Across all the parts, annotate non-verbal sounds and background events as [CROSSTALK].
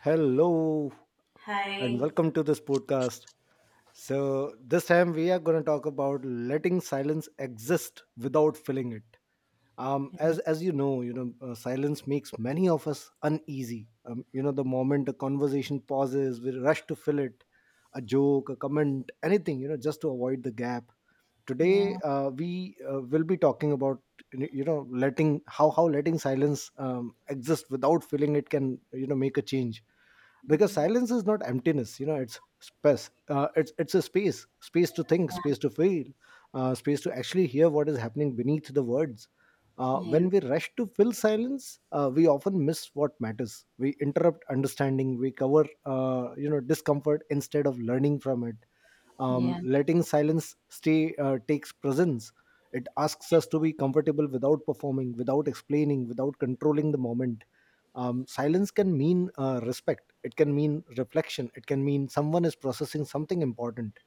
Hello and Hi. welcome to this podcast. So, this time we are going to talk about letting silence exist without filling it. As you know, Silence makes many of us uneasy. You know, the moment a conversation pauses, we rush to fill it, a joke, a comment, anything, just to avoid the gap today. Yeah, We will be talking about you know letting how letting silence exist without feeling it can, make a change, because silence is not emptiness. You know, it's space. It's a space to think, space to feel, space to actually hear what is happening beneath the words. Yeah, When we rush to fill silence, we often miss what matters. We interrupt understanding. We cover discomfort instead of learning from it. Yeah, Letting silence stay takes presence. It asks us to be comfortable without performing, without explaining, without controlling the moment. Silence can mean respect. It can mean reflection. It can mean someone is processing something important.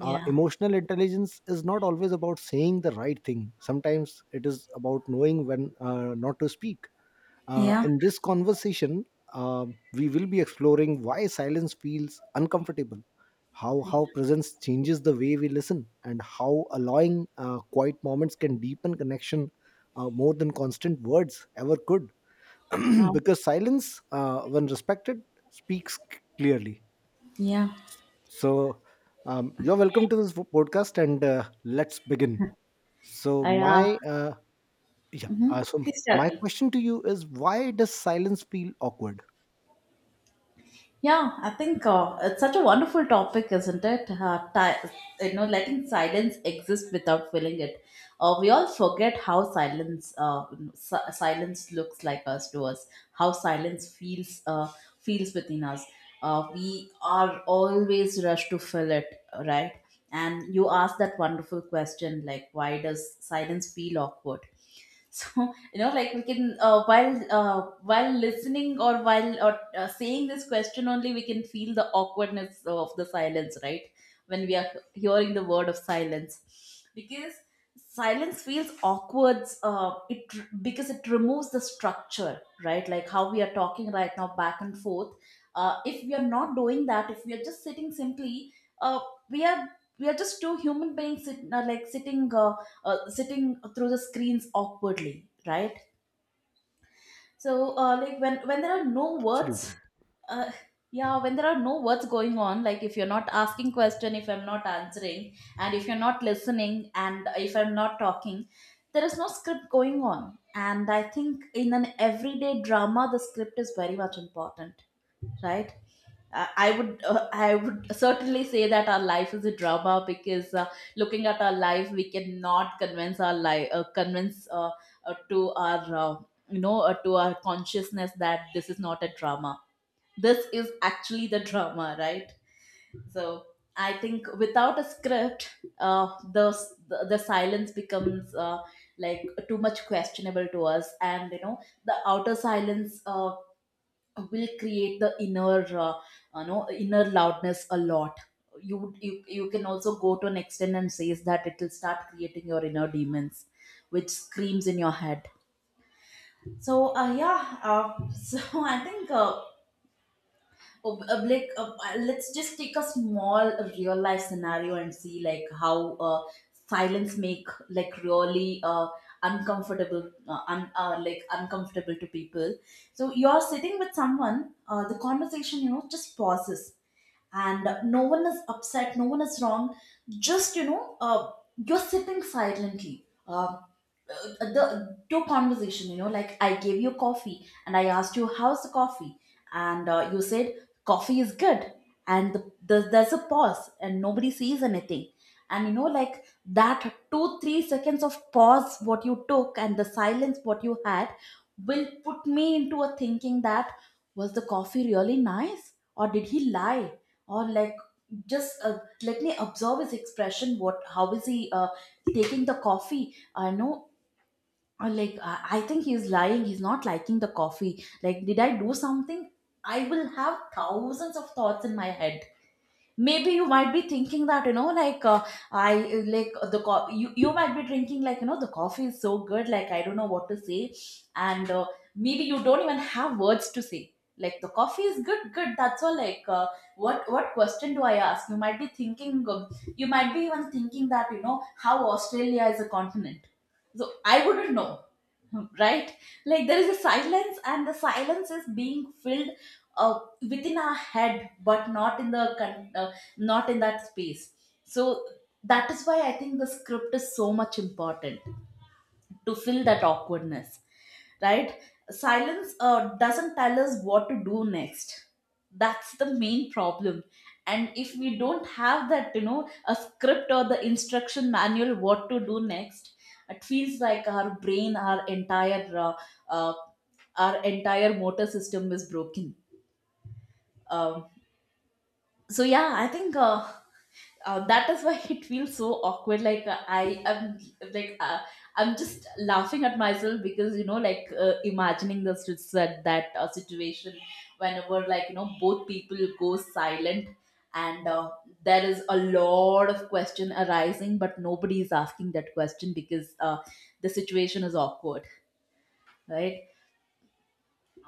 Emotional intelligence is not always about saying the right thing. Sometimes it is about knowing when not to speak. Yeah, In this conversation, uh, we will be exploring why silence feels uncomfortable, I know. how presence changes the way we listen, and how allowing quiet moments can deepen connection more than constant words ever could. [CLEARS THROAT] um, Because silence, when respected, speaks clearly. yeah. So, you're welcome to this podcast, and let's begin. So I my Yeah, hmm so Please tell my me. question to you is, why does silence feel awkward? Yeah, I think it's such a wonderful topic, isn't it? You know, letting silence exist without feeling it. We all forget how silence looks like us to us. How silence feels within us. We are always rushed to fill it, right? And you asked that wonderful question, like, why does silence feel awkward? So [LAUGHS] you know, like we can, while listening or while or saying this question only, we can feel the awkwardness of the silence, right? When we are hearing the word of silence, because silence feels awkward, it because it removes the structure. Right, like how we are talking right now, back and forth. If we are not doing that, if we are just sitting simply, uh, we are we are just two human beings like sitting through the screens awkwardly, right? So, like when there are no Absolutely, words, uh, yeah, when there are no words going on, like if you're not asking question, if I'm not answering, and if you're not listening, and if I'm not talking, there is no script going on. And I think in an everyday drama, the script is very much important, right? I would certainly say that our life is a drama, because looking at our life, we cannot convince our life, convince, uh, to our uh, to our consciousness that this is not a drama. This is actually the drama, right? So I think without a script, uh, the, the silence becomes, like, too much questionable to us, and you know, the outer silence, will create the inner loudness a lot. You can also go to an extent and says that it will start creating your inner demons, which screams in your head. So, yeah, [LAUGHS] so I think, let's just take a small real life scenario and see, like, how, silence make, like, really, uncomfortable, like, uncomfortable to people. So you're sitting with someone, the conversation, you know, just pauses, and no one is upset, no one is wrong, just, you know, you're sitting silently. Um the to conversation, you know, like I gave you coffee and I asked you, how's the coffee? And you said, coffee is good. And there's a pause and nobody sees anything. And you know, like that 2-3 seconds of pause what you took and the silence what you had will put me into a thinking that, was the coffee really nice or did he lie? Or, like, just let me observe his expression, what how is he, taking the coffee, I know. Or like, I think he's lying. He's not liking the coffee. Like, did I do something? I will have thousands of thoughts in my head. Maybe you might be thinking that, you know, like, I like the co- you might be drinking, like, you know, the coffee is so good. Like, I don't know what to say, and maybe you don't even have words to say. Like, the coffee is good, good. That's all. Like, what question do I ask? You might be thinking, you might be even thinking that, you know, how Australia is a continent. So I wouldn't know, right? Like there is a silence and the silence is being filled, uh, within our head but not in the not in that space. So that is why I think the script is so much important to fill that awkwardness, right? Silence, doesn't tell us what to do next. That's the main problem. And if we don't have that, you know, a script or the instruction manual what to do next, it feels like our brain, our entire, uh, our entire motor system is broken. um, so yeah, I think, that is why [LAUGHS] it feels so awkward, like, I am like I'm just laughing at myself, because, you know, like, imagining the that situation. Whenever, like, you know, both people go silent, and there is a lot of question arising but nobody is asking that question, because the situation is awkward, right?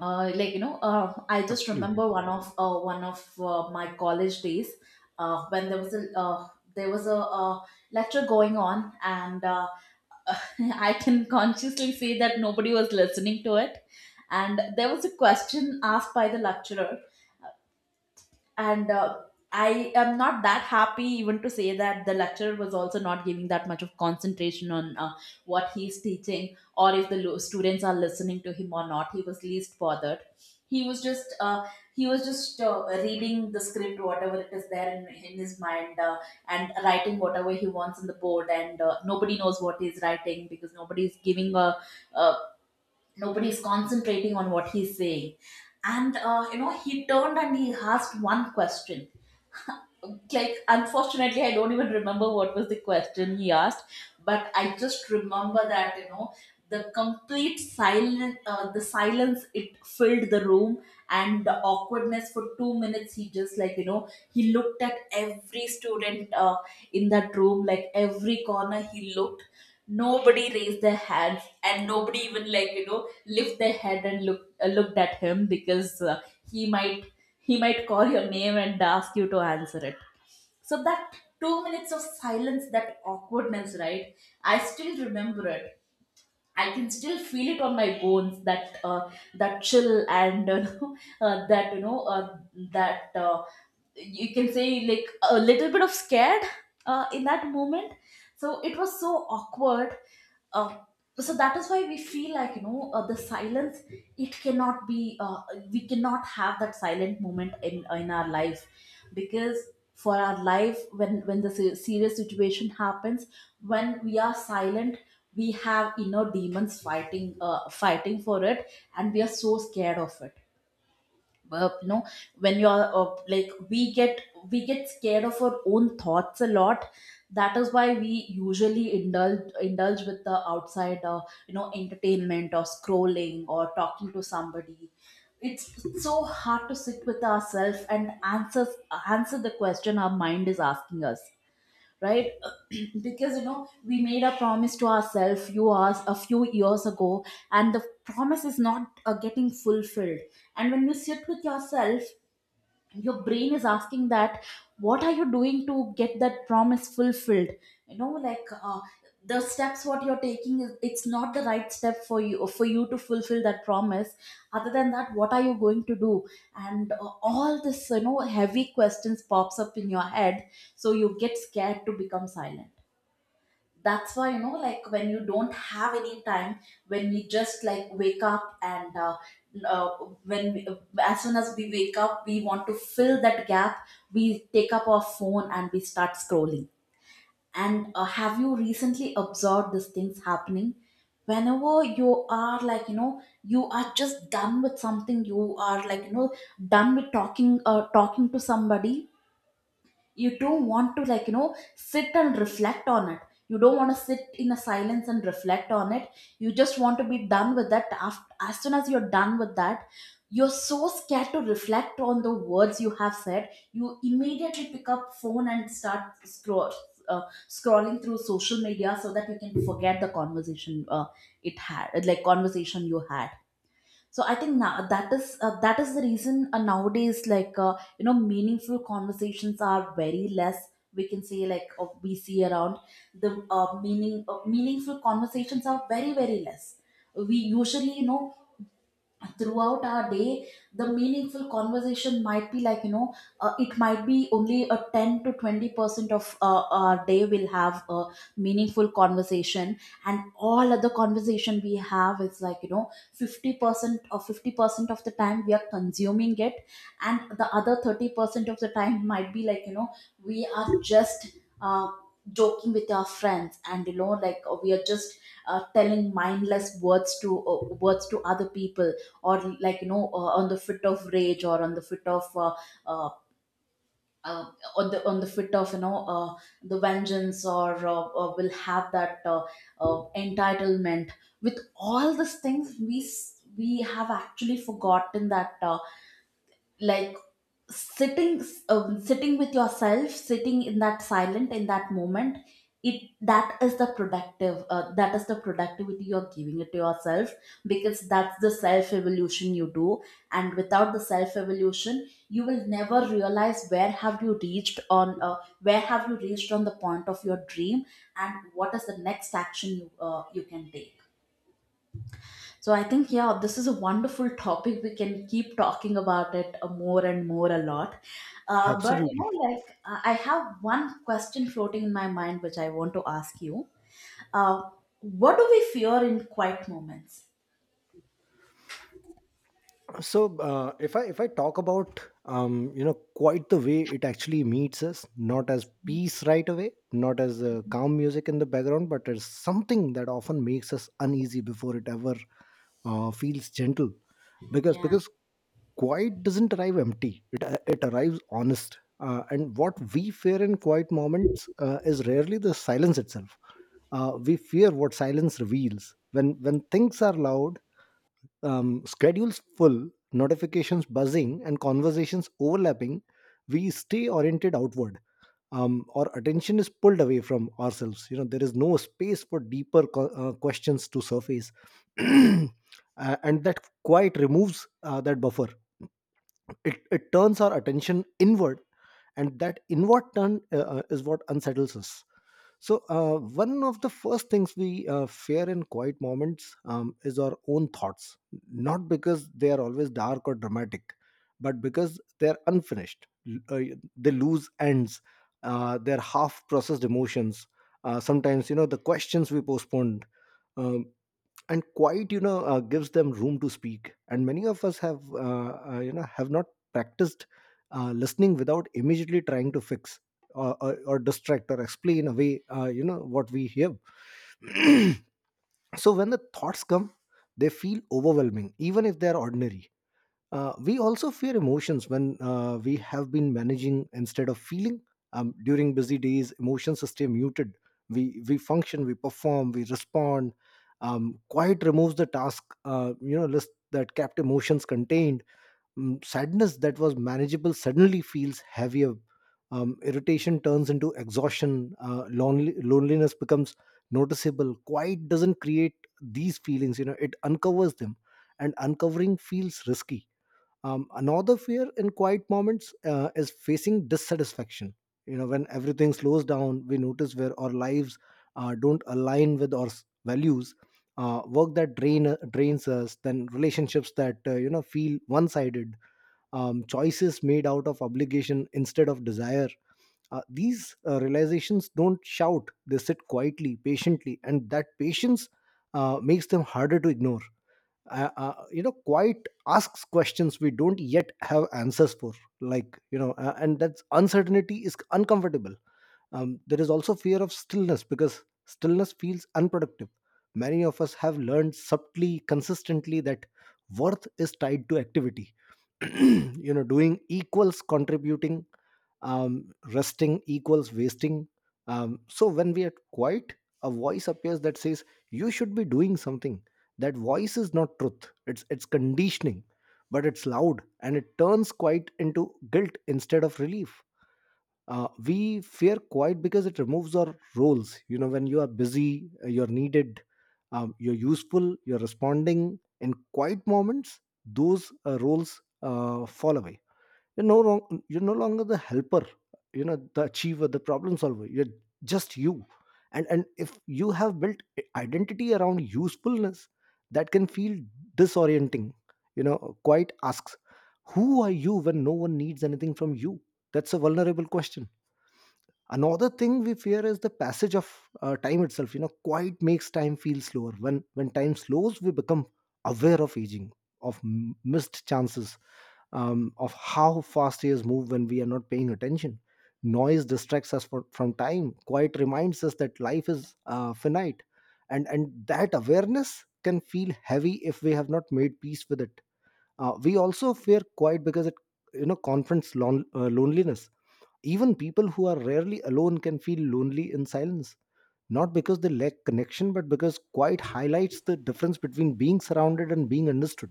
Like, you know, I just absolutely, remember one of my college days, when there was a, there was a uh, lecture going on, and [LAUGHS] I can consciously say that nobody was listening to it. And there was a question asked by the lecturer. And I am not that happy even to say that the lecturer was also not giving that much of concentration on what he's teaching, or if the students are listening to him or not. He was least bothered. He was just uh, he was just uh, reading the script, whatever it is there in his mind, and writing whatever he wants on the board, and nobody knows what he's writing, because nobody is giving a nobody's concentrating on what he's saying. And you know, he turned and he asked one question. Like, unfortunately I don't even remember what was the question he asked, but I just remember that, you know, the complete silent the silence, it filled the room. And the awkwardness, for 2 minutes he just, like, you know, he looked at every student in that room, like every corner he looked. Nobody raised their hands and nobody even, like, you know, lift their head and looked at him, because he might he might call your name and ask you to answer it. So that 2 minutes of silence, that awkwardness, right? I still remember it. I can still feel it on my bones, that that chill, and [LAUGHS] that, you know, that you can say, like, a little bit of scared, in that moment. So it was so awkward. Uh, so that is why we feel, like, you know, the silence. It cannot be. We cannot have that silent moment in our life, because for our life, when the serious situation happens, when we are silent, we have inner demons fighting for it, and we are so scared of it. You know, when you are, like, we get scared of our own thoughts a lot. That is why we usually indulge with the outside, you know, entertainment or scrolling or talking to somebody. It's so hard to sit with ourselves and answer the question our mind is asking us, right? [CLEARS THROAT] Because, you know, we made a promise to ourselves few hours a few years ago, and the promise is not getting fulfilled. And when you sit with yourself, your brain is asking that, what are you doing to get that promise fulfilled? You know, like, the steps what you're taking is, it's not the right step for you to fulfill that promise. Other than that, what are you going to do? And all this, you know, heavy questions pops up in your head. So you get scared to become silent. That's why, you know, like when you don't have any time, when we just, like, wake up and uh, when we, uh, as soon as we wake up, we want to fill that gap. We take up our phone and we start scrolling. And have you recently observed these things happening? Whenever you are, like, you know, you are just done with something, you are, like, you know, done with talking to somebody, you don't want to, like, you know, sit and reflect on it. You don't want to sit in a silence and reflect on it. You just want to be done with that. As soon as you're done with that, you're so scared to reflect on the words you have said. You immediately pick up phone and start uh, scrolling through social media so that you can forget the conversation, it had, like, conversation you had. So I think now that is, that is the reason, nowadays, like, you know, meaningful conversations are very less. We can say, like, we see around, the meaningful conversations are very, very less. We usually, you know, throughout our day, the meaningful conversation might be, like, you know, it might be only a 10 to 20% of our day will have a meaningful conversation, and all Other conversation we have is like you know, 50% or 50% of the time we are consuming it, and the other 30% of the time might be like you know, we are just uh, joking with our friends. And we are just telling mindless words to other people. Or like on the fit of rage, or on the fit of uh, uh, on the fit of the vengeance, or will have that entitlement. With all these things we have actually forgotten that like sitting sitting with yourself, sitting in that silent, in that moment, it, that is the productive that is the productivity you're giving it to yourself, because that's the self evolution you do. And without the self evolution, you will never realize where have you reached on where have you reached on the point of your dream, and what is the next action you can take. So I think, yeah, this is a wonderful topic. We can keep talking about it more and more a lot. But, absolutely. I have one question floating in my mind which I want to ask you. Uh, what do we fear in quiet moments? So if I talk about, you know, quite, the way it actually meets us, not as peace right away, not as calm music in the background, but as something that often makes us uneasy before it ever feels gentle. because Yeah, because quiet doesn't arrive empty, it arrives honest. And what we fear in quiet moments is rarely the silence itself. We fear what silence reveals. When things are loud, schedules full, notifications buzzing, and conversations overlapping, we stay oriented outward. Our attention is pulled away from ourselves. You know, there is no space for deeper questions to surface. [CLEARS THROAT] And that quite removes that buffer. It turns our attention inward, and that inward turn is what unsettles us. So, one of the first things we fear in quiet moments, is our own thoughts, not because they are always dark or dramatic, but because they're unfinished. They lose ends, they're half processed emotions. Sometimes, you know, the questions we postponed. um, and quiet, gives them room to speak, and many of us have you know, have not practiced listening without immediately trying to fix or distract or explain away, you know, what we hear. So when the thoughts come, they feel overwhelming, even if they are ordinary. We also fear emotions when we have been managing instead of feeling. During busy days, emotions stay muted. We function, we perform, we respond. Quiet removes the task, you know, list that kept emotions contained. Sadness that was manageable suddenly feels heavier. Irritation turns into exhaustion. Loneliness becomes noticeable. Quiet doesn't create these feelings. You know, it uncovers them, and uncovering feels risky. Another fear in quiet moments is facing dissatisfaction. You know, when everything slows down, we notice where our lives don't align with our values: work that drains us, then relationships that you know, feel one-sided, choices made out of obligation instead of desire. These realizations don't shout; they sit quietly, patiently, and that patience makes them harder to ignore. You know, quite asks questions we don't yet have answers for, and that's uncertainty is uncomfortable. There is also fear of stillness because stillness feels unproductive. Many of us have learned, subtly, consistently, that worth is tied to activity. [CLEARS THROAT] You know, doing equals contributing, resting equals wasting. So when we are quiet, a voice appears that says, you should be doing something. That voice is not truth. It's conditioning, but it's loud, and it turns quiet into guilt instead of relief. We fear quiet because it removes our roles. You know, when you are busy, you're needed, you're useful, you're responding. In quiet moments, those roles fall away. You're no wrong, you're no longer the helper, you know, the achiever, the problem solver. You're just you. And if you have built identity around usefulness, that can feel disorienting. You know, quiet asks, who are you when no one needs anything from you? That's a vulnerable question. Another thing we fear is the passage of time itself. You know, quiet makes time feel slower. When time slows, we become aware of aging, of missed chances, of how fast years move when we are not paying attention. Noise distracts us from time. Quiet reminds us that life is finite, and that awareness can feel heavy if we have not made peace with it. We also fear quiet because it, you know, confronts loneliness. Even people who are rarely alone can feel lonely in silence, not because they lack connection, but because quiet highlights the difference between being surrounded and being understood.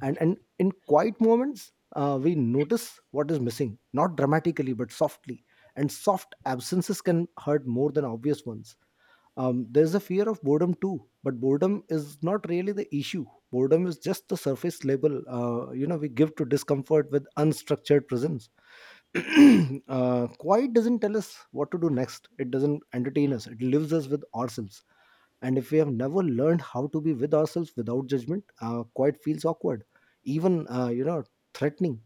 And in quiet moments, we notice what is missing, not dramatically, but softly. And soft absences can hurt more than obvious ones. There's a fear of boredom too, but boredom is not really the issue. Boredom is just the surface label you know, we give to discomfort with unstructured presence. [CLEARS THROAT] Quiet doesn't tell us what to do next. It doesn't entertain us. It leaves us with ourselves. And if we have never learned how to be with ourselves without judgment, quiet feels awkward, even, threatening.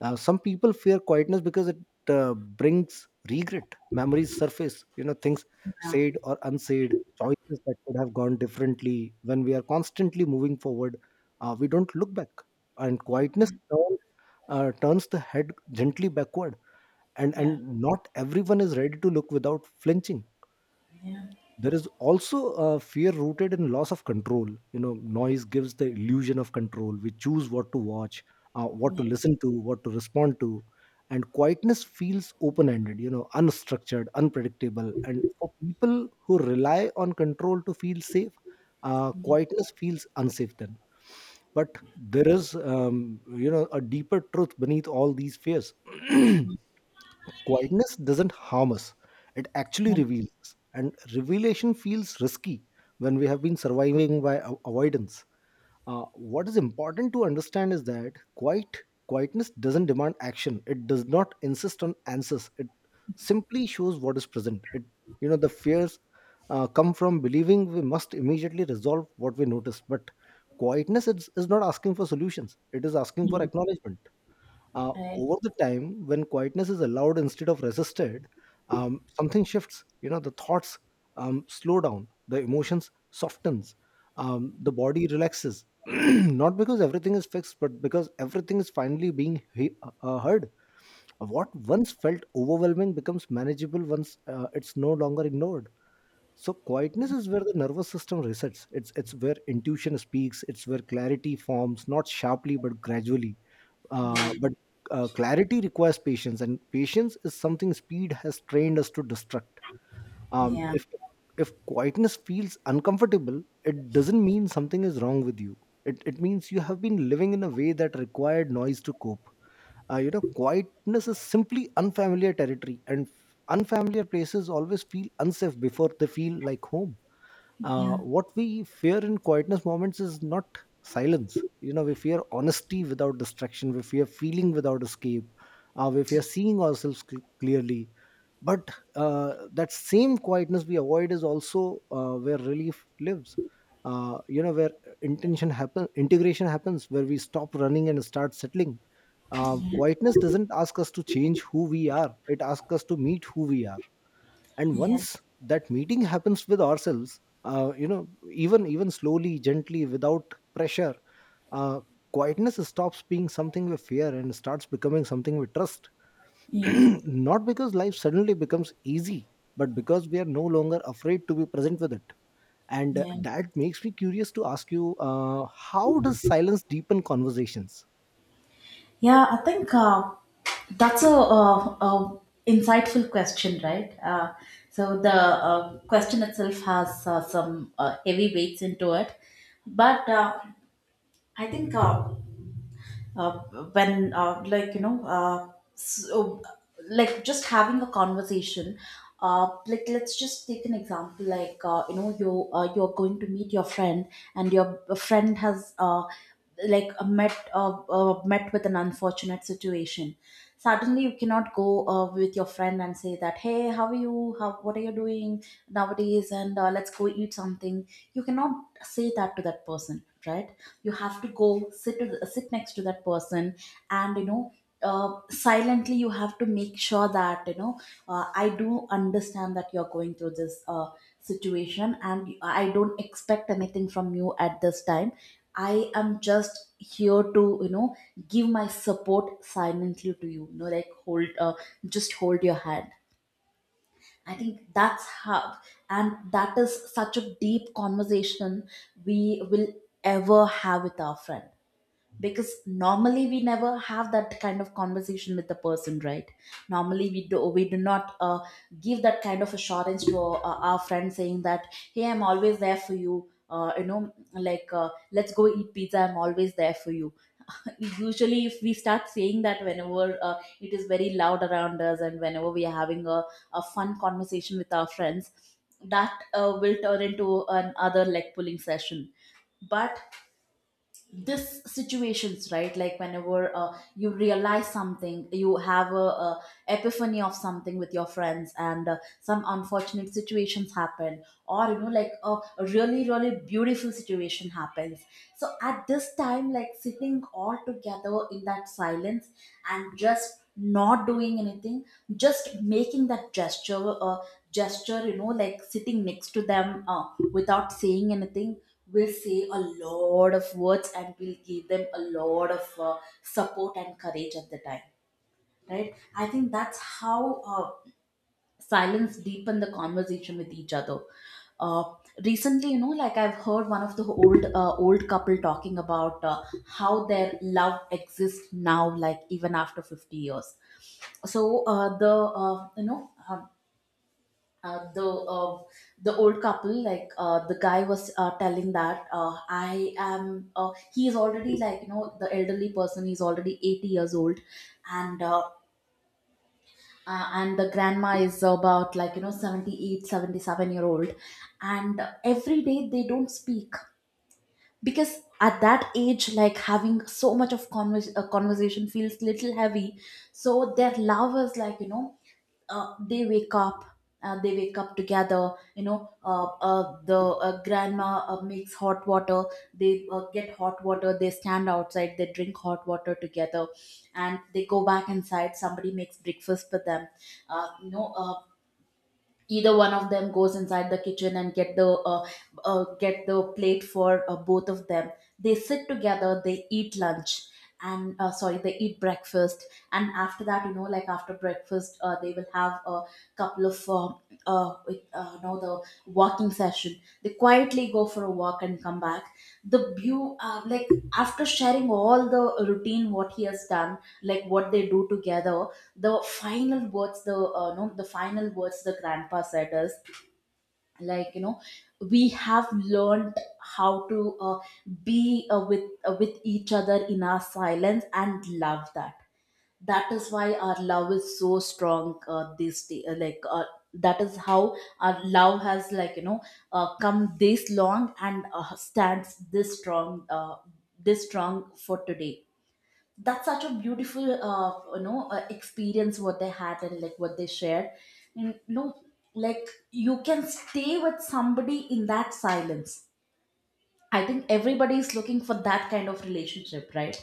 Now, some people fear quietness because it brings regret. Memories surface, you know, things yeah, said or unsaid, choices that could have gone differently. When we are constantly moving forward, we don't look back, and quietness turns the head gently backward. And yeah, and not everyone is ready to look without flinching. yeah, There is also a fear rooted in loss of control. You know, noise gives the illusion of control. We choose what to watch, what to yeah, listen to, what to respond to. And quietness feels open ended, you know, unstructured, unpredictable. And for people who rely on control to feel safe, quietness feels unsafe then. But there is, you know, a deeper truth beneath all these fears. [CLEARS THROAT] Quietness doesn't harm us, it actually reveals us. And revelation feels risky when we have been surviving by avoidance. What is important to understand is that quietness doesn't demand action. It does not insist on answers. It simply shows what is present. It you know the fears come from believing we must immediately resolve what we notice. But quietness is not asking for solutions. It is asking yeah, for yeah, acknowledgement. Over the time, when quietness is allowed instead of resisted, something shifts. You know, the thoughts slow down, the emotions softens, the body relaxes. [CLEARS THROAT] Not because everything is fixed, but because everything is finally being heard. What once felt overwhelming becomes manageable once it's no longer ignored. So quietness is where the nervous system resets. It's where intuition speaks. It's where clarity forms, not sharply but gradually. But Clarity requires patience, and patience is something speed has trained us to destruct. Um, yeah, if if quietness feels uncomfortable, it doesn't mean something is wrong with you. It means you have been living in a way that required noise to cope. You know, quietness is simply unfamiliar territory, and unfamiliar places always feel unsafe before they feel like home. Yeah, What we fear in quietness moments is not silence. You know, we fear honesty without distraction. We fear feeling without escape. We fear seeing ourselves clearly. But that same quietness we avoid is also where relief lives, you know, where intention happen, integration happens, where we stop running and start settling. Quietness doesn't ask us to change who we are. It asks us to meet who we are. And yeah, once that meeting happens with ourselves, you know even even slowly, gently, without pressure, uh, quietness stops being something we fear and starts becoming something we trust. [CLEARS THROAT] yeah, Not because life suddenly becomes easy, but because we are no longer afraid to be present with it. And yeah, that makes me curious to ask you, how does silence deepen conversations? yeah, I think that's a a insightful question, right? So the question itself has some heavy weights into it, but I think uh, when like so, like just having a conversation. Like let's just take an example, like you're going to meet your friend, and your friend has like met met with an unfortunate situation. Suddenly you cannot go with your friend and say that, hey, how are you, how, what are you doing nowadays, and let's go eat something. You cannot say that to that person, right? You have to go sit to sit next to that person, and you know, silently you have to make sure that you know, I do understand that you're going through this situation, and I don't expect anything from you at this time. I am just here to, you know, give my support silently to you, you know, like hold just hold your hand. I think that's how. And that is such a deep conversation we will ever have with our friend. Because normally we never have that kind of conversation with the person, right? Normally we do not give that kind of assurance to our friend, saying that, hey, I'm always there for you, you know like let's go eat pizza, I'm always there for you. [LAUGHS] Usually if we start saying that whenever it is very loud around us, and whenever we are having a fun conversation with our friends, that will turn into an other leg pulling session. But this situations, right, like whenever you realize something, you have a epiphany of something with your friends, and some unfortunate situations happen, or you know like a really really beautiful situation happens. So at this time, like sitting all together in that silence and just not doing anything, just making that gesture, you know, like sitting next to them, without saying anything, will say a lot of words and will give them a lot of support and courage at the time. Right, I think that's how silence deepen the conversation with each other. uh, Recently, you know, like I've heard one of the old couple talking about how their love exists now, like even after 50 years. So the you know uh, the uh, the old couple, like the guy was telling that I am he is already, like you know, the elderly person is already 80 years old, and uh, and the grandma is about, like you know, 78, 77 year old. And every day they don't speak, because at that age, like having so much of conversation feels little heavy. So their love is like you know, uh, they wake up they wake up together, you know, the grandma makes hot water, they get hot water, they stand outside, they drink hot water together, and they go back inside. Somebody makes breakfast for them. uh, you know uh, Either one of them goes inside the kitchen and get the plate for both of them. They sit together, they eat lunch, and sorry, they eat breakfast, and after that, you know, like after breakfast, they will have a couple of you know, the walking session. They quietly go for a walk and come back. The view like, after sharing all the routine what he has done, like what they do together, the final words, the no the final words the grandpa said is, like you know, we have learned how to be with each other in our silence and love. That, that is why our love is so strong this day, that is how our love has, like you know, come this long and stands this strong for today. That's such a beautiful experience what they had, and like what they shared. And you know, like you can stay with somebody in that silence. I think everybody is looking for that kind of relationship, right?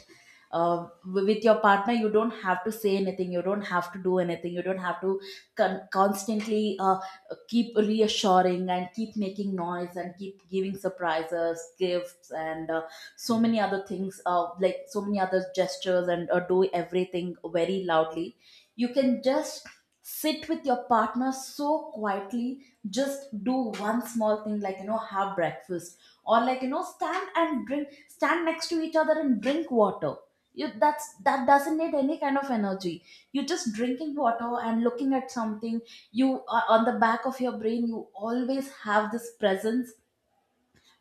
With your partner, you don't have to say anything, you don't have to do anything, you don't have to constantly keep reassuring and keep making noise and keep giving surprises, gifts, and so many other things, like so many other gestures, and do everything very loudly. You can just sit with your partner so quietly, just do one small thing, like, you know, have breakfast, or like you know, stand and drink stand next to each other and drink water. You That's, that doesn't need any kind of energy. You are just drinking water and looking at something. You On the back of your brain, you always have this presence,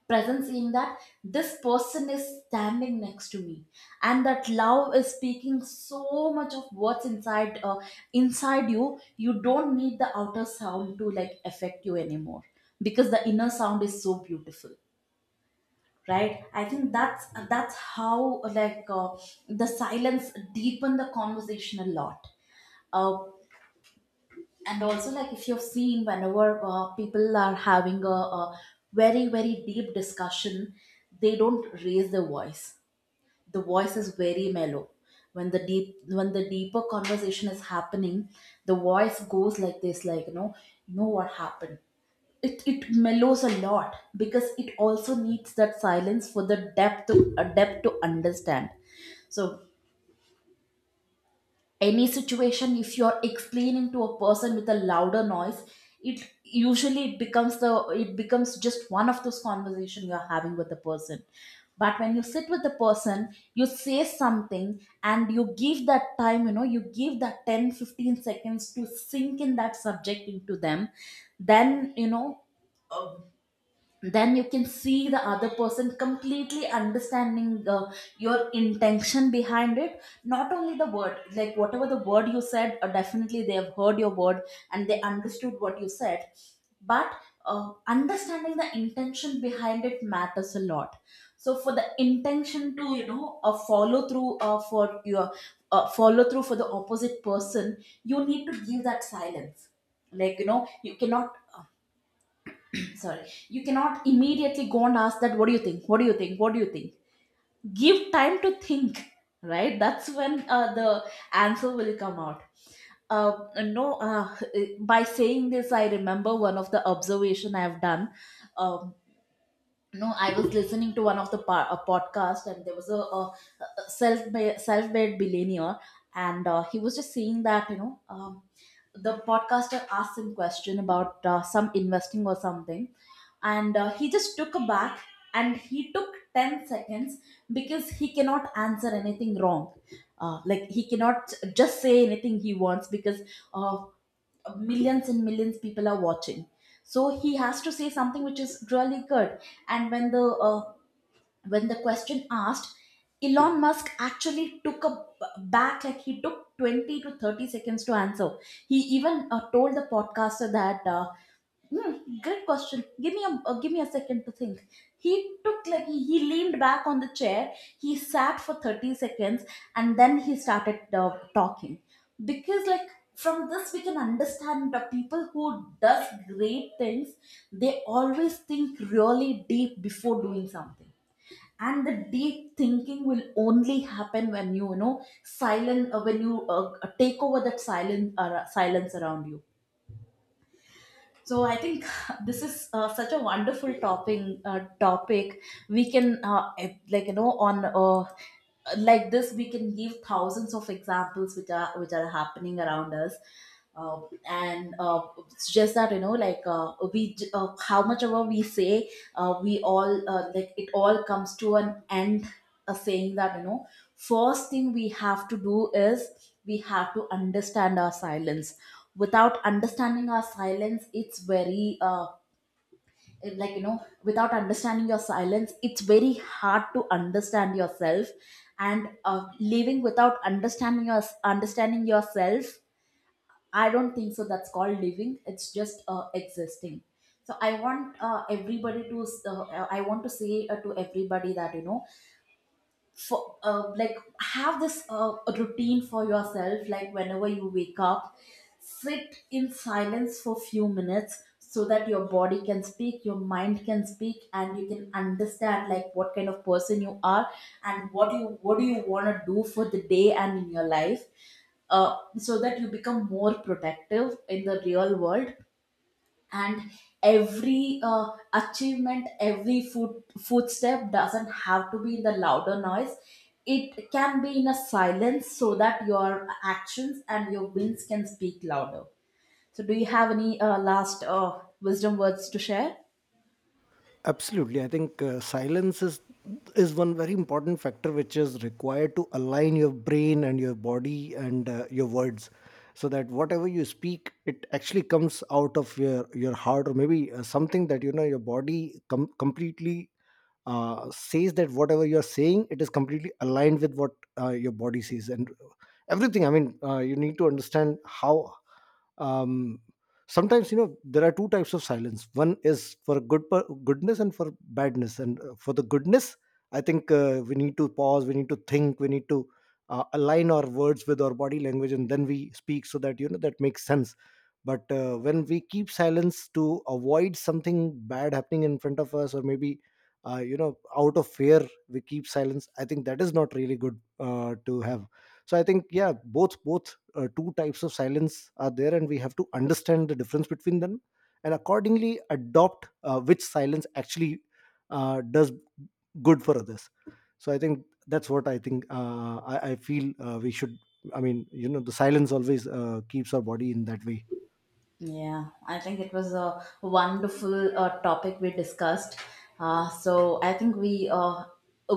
presence in that, this person is standing next to me, and that love is speaking so much of what's inside you. You don't need the outer sound to like affect you anymore, because the inner sound is so beautiful. Right, I think that's how like the silence deepen the conversation a lot. uh, and also, like if you've seen whenever people are having a very very deep discussion, they don't raise their voice. The voice is very mellow. When the deep, when the deeper conversation is happening, the voice goes like this, like you know, you know what happened, it mellows a lot, because it also needs that silence for the depth to a depth to understand. So any situation, if you're explaining to a person with a louder noise, it usually, it becomes the, it becomes just one of those conversation you're having with the person. But when you sit with the person, you say something, and you give that time, you know, you give that 10, 15 seconds to sink in that subject into them. Then you know, uh, then you can see the other person completely understanding your intention behind it, not only the word, like whatever the word you said, definitely they have heard your word and they understood what you said. But understanding the intention behind it matters a lot. So for the intention to, you know, a follow through for your follow through for the opposite person, you need to give that silence. Like you know, you cannot sorry, you cannot immediately go and ask that, what do you think, what do you think, what do you think. Give time to think, right? That's when the answer will come out. Uh, no By saying this, I remember one of the observation I have done. Um, no I was listening to one of the a podcast, and there was a self-made billionaire, and he was just saying that, you know, the podcaster asked him question about some investing or something, and he just took a back, and he took 10 seconds, because he cannot answer anything wrong. Like he cannot just say anything he wants, because uh, millions and millions people are watching, so he has to say something which is really good. And when the question asked, Elon Musk actually back, like he took 20 to 30 seconds to answer. He even told the podcaster that hmm, great question. Give me a second to think. He took, like he leaned back on the chair. He sat for 30 seconds, and then he started talking. Because, like from this we can understand, the people who does great things, they always think really deep before doing something. And the deep thinking will only happen when you know, when you take over that silence around you. So I think [LAUGHS] this is such a wonderful topping topic. We can like you know on like this we can give thousands of examples which are, which are happening around us. Uh, and it's just that you know, like how much ever we say, we all like it all comes to an end, saying that, you know, first thing we have to do is, we have to understand our silence. Without understanding our silence, it's very like you know, without understanding your silence, it's very hard to understand yourself. And living without understanding your understanding yourself, I don't think so that's called living, it's just existing. So I want everybody to, I want to say to everybody that, you know, for like have this a routine for yourself, like whenever you wake up, sit in silence for few minutes, so that your body can speak, your mind can speak, and you can understand like what kind of person you are, and what do you want to do for the day and in your life. So that you become more productive in the real world. And every achievement, every footstep doesn't have to be in the louder noise. It can be in a silence, so that your actions and your wins can speak louder. So do you have any last wisdom words to share? Absolutely. I think silence is one very important factor which is required to align your brain and your body and your words, so that whatever you speak, it actually comes out of your heart, or maybe something that, you know, your body completely says that whatever you're saying, it is completely aligned with what your body says, and everything. I mean, you need to understand how, um, sometimes, you know, there are two types of silence. One is for good, goodness, and for badness. And for the goodness, I think we need to pause, we need to think, we need to align our words with our body language, and then we speak, so that, you know, that makes sense. But when we keep silence to avoid something bad happening in front of us, or maybe you know, out of fear we keep silence, I think that is not really good to have. So I think, yeah, both both two types of silence are there, and we have to understand the difference between them, and accordingly adopt which silence actually does good for others. So I think that's what I think. I feel we should, I mean, you know, the silence always keeps our body in that way. Yeah, I think it was a wonderful topic we discussed. So I think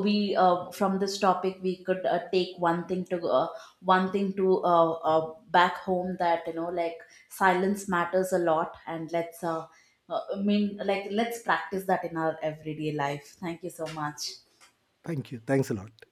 we from this topic we could take one thing to back home, that you know, like silence matters a lot. And let's I mean, like, let's practice that in our everyday life. Thank you so much. Thank you. Thanks a lot.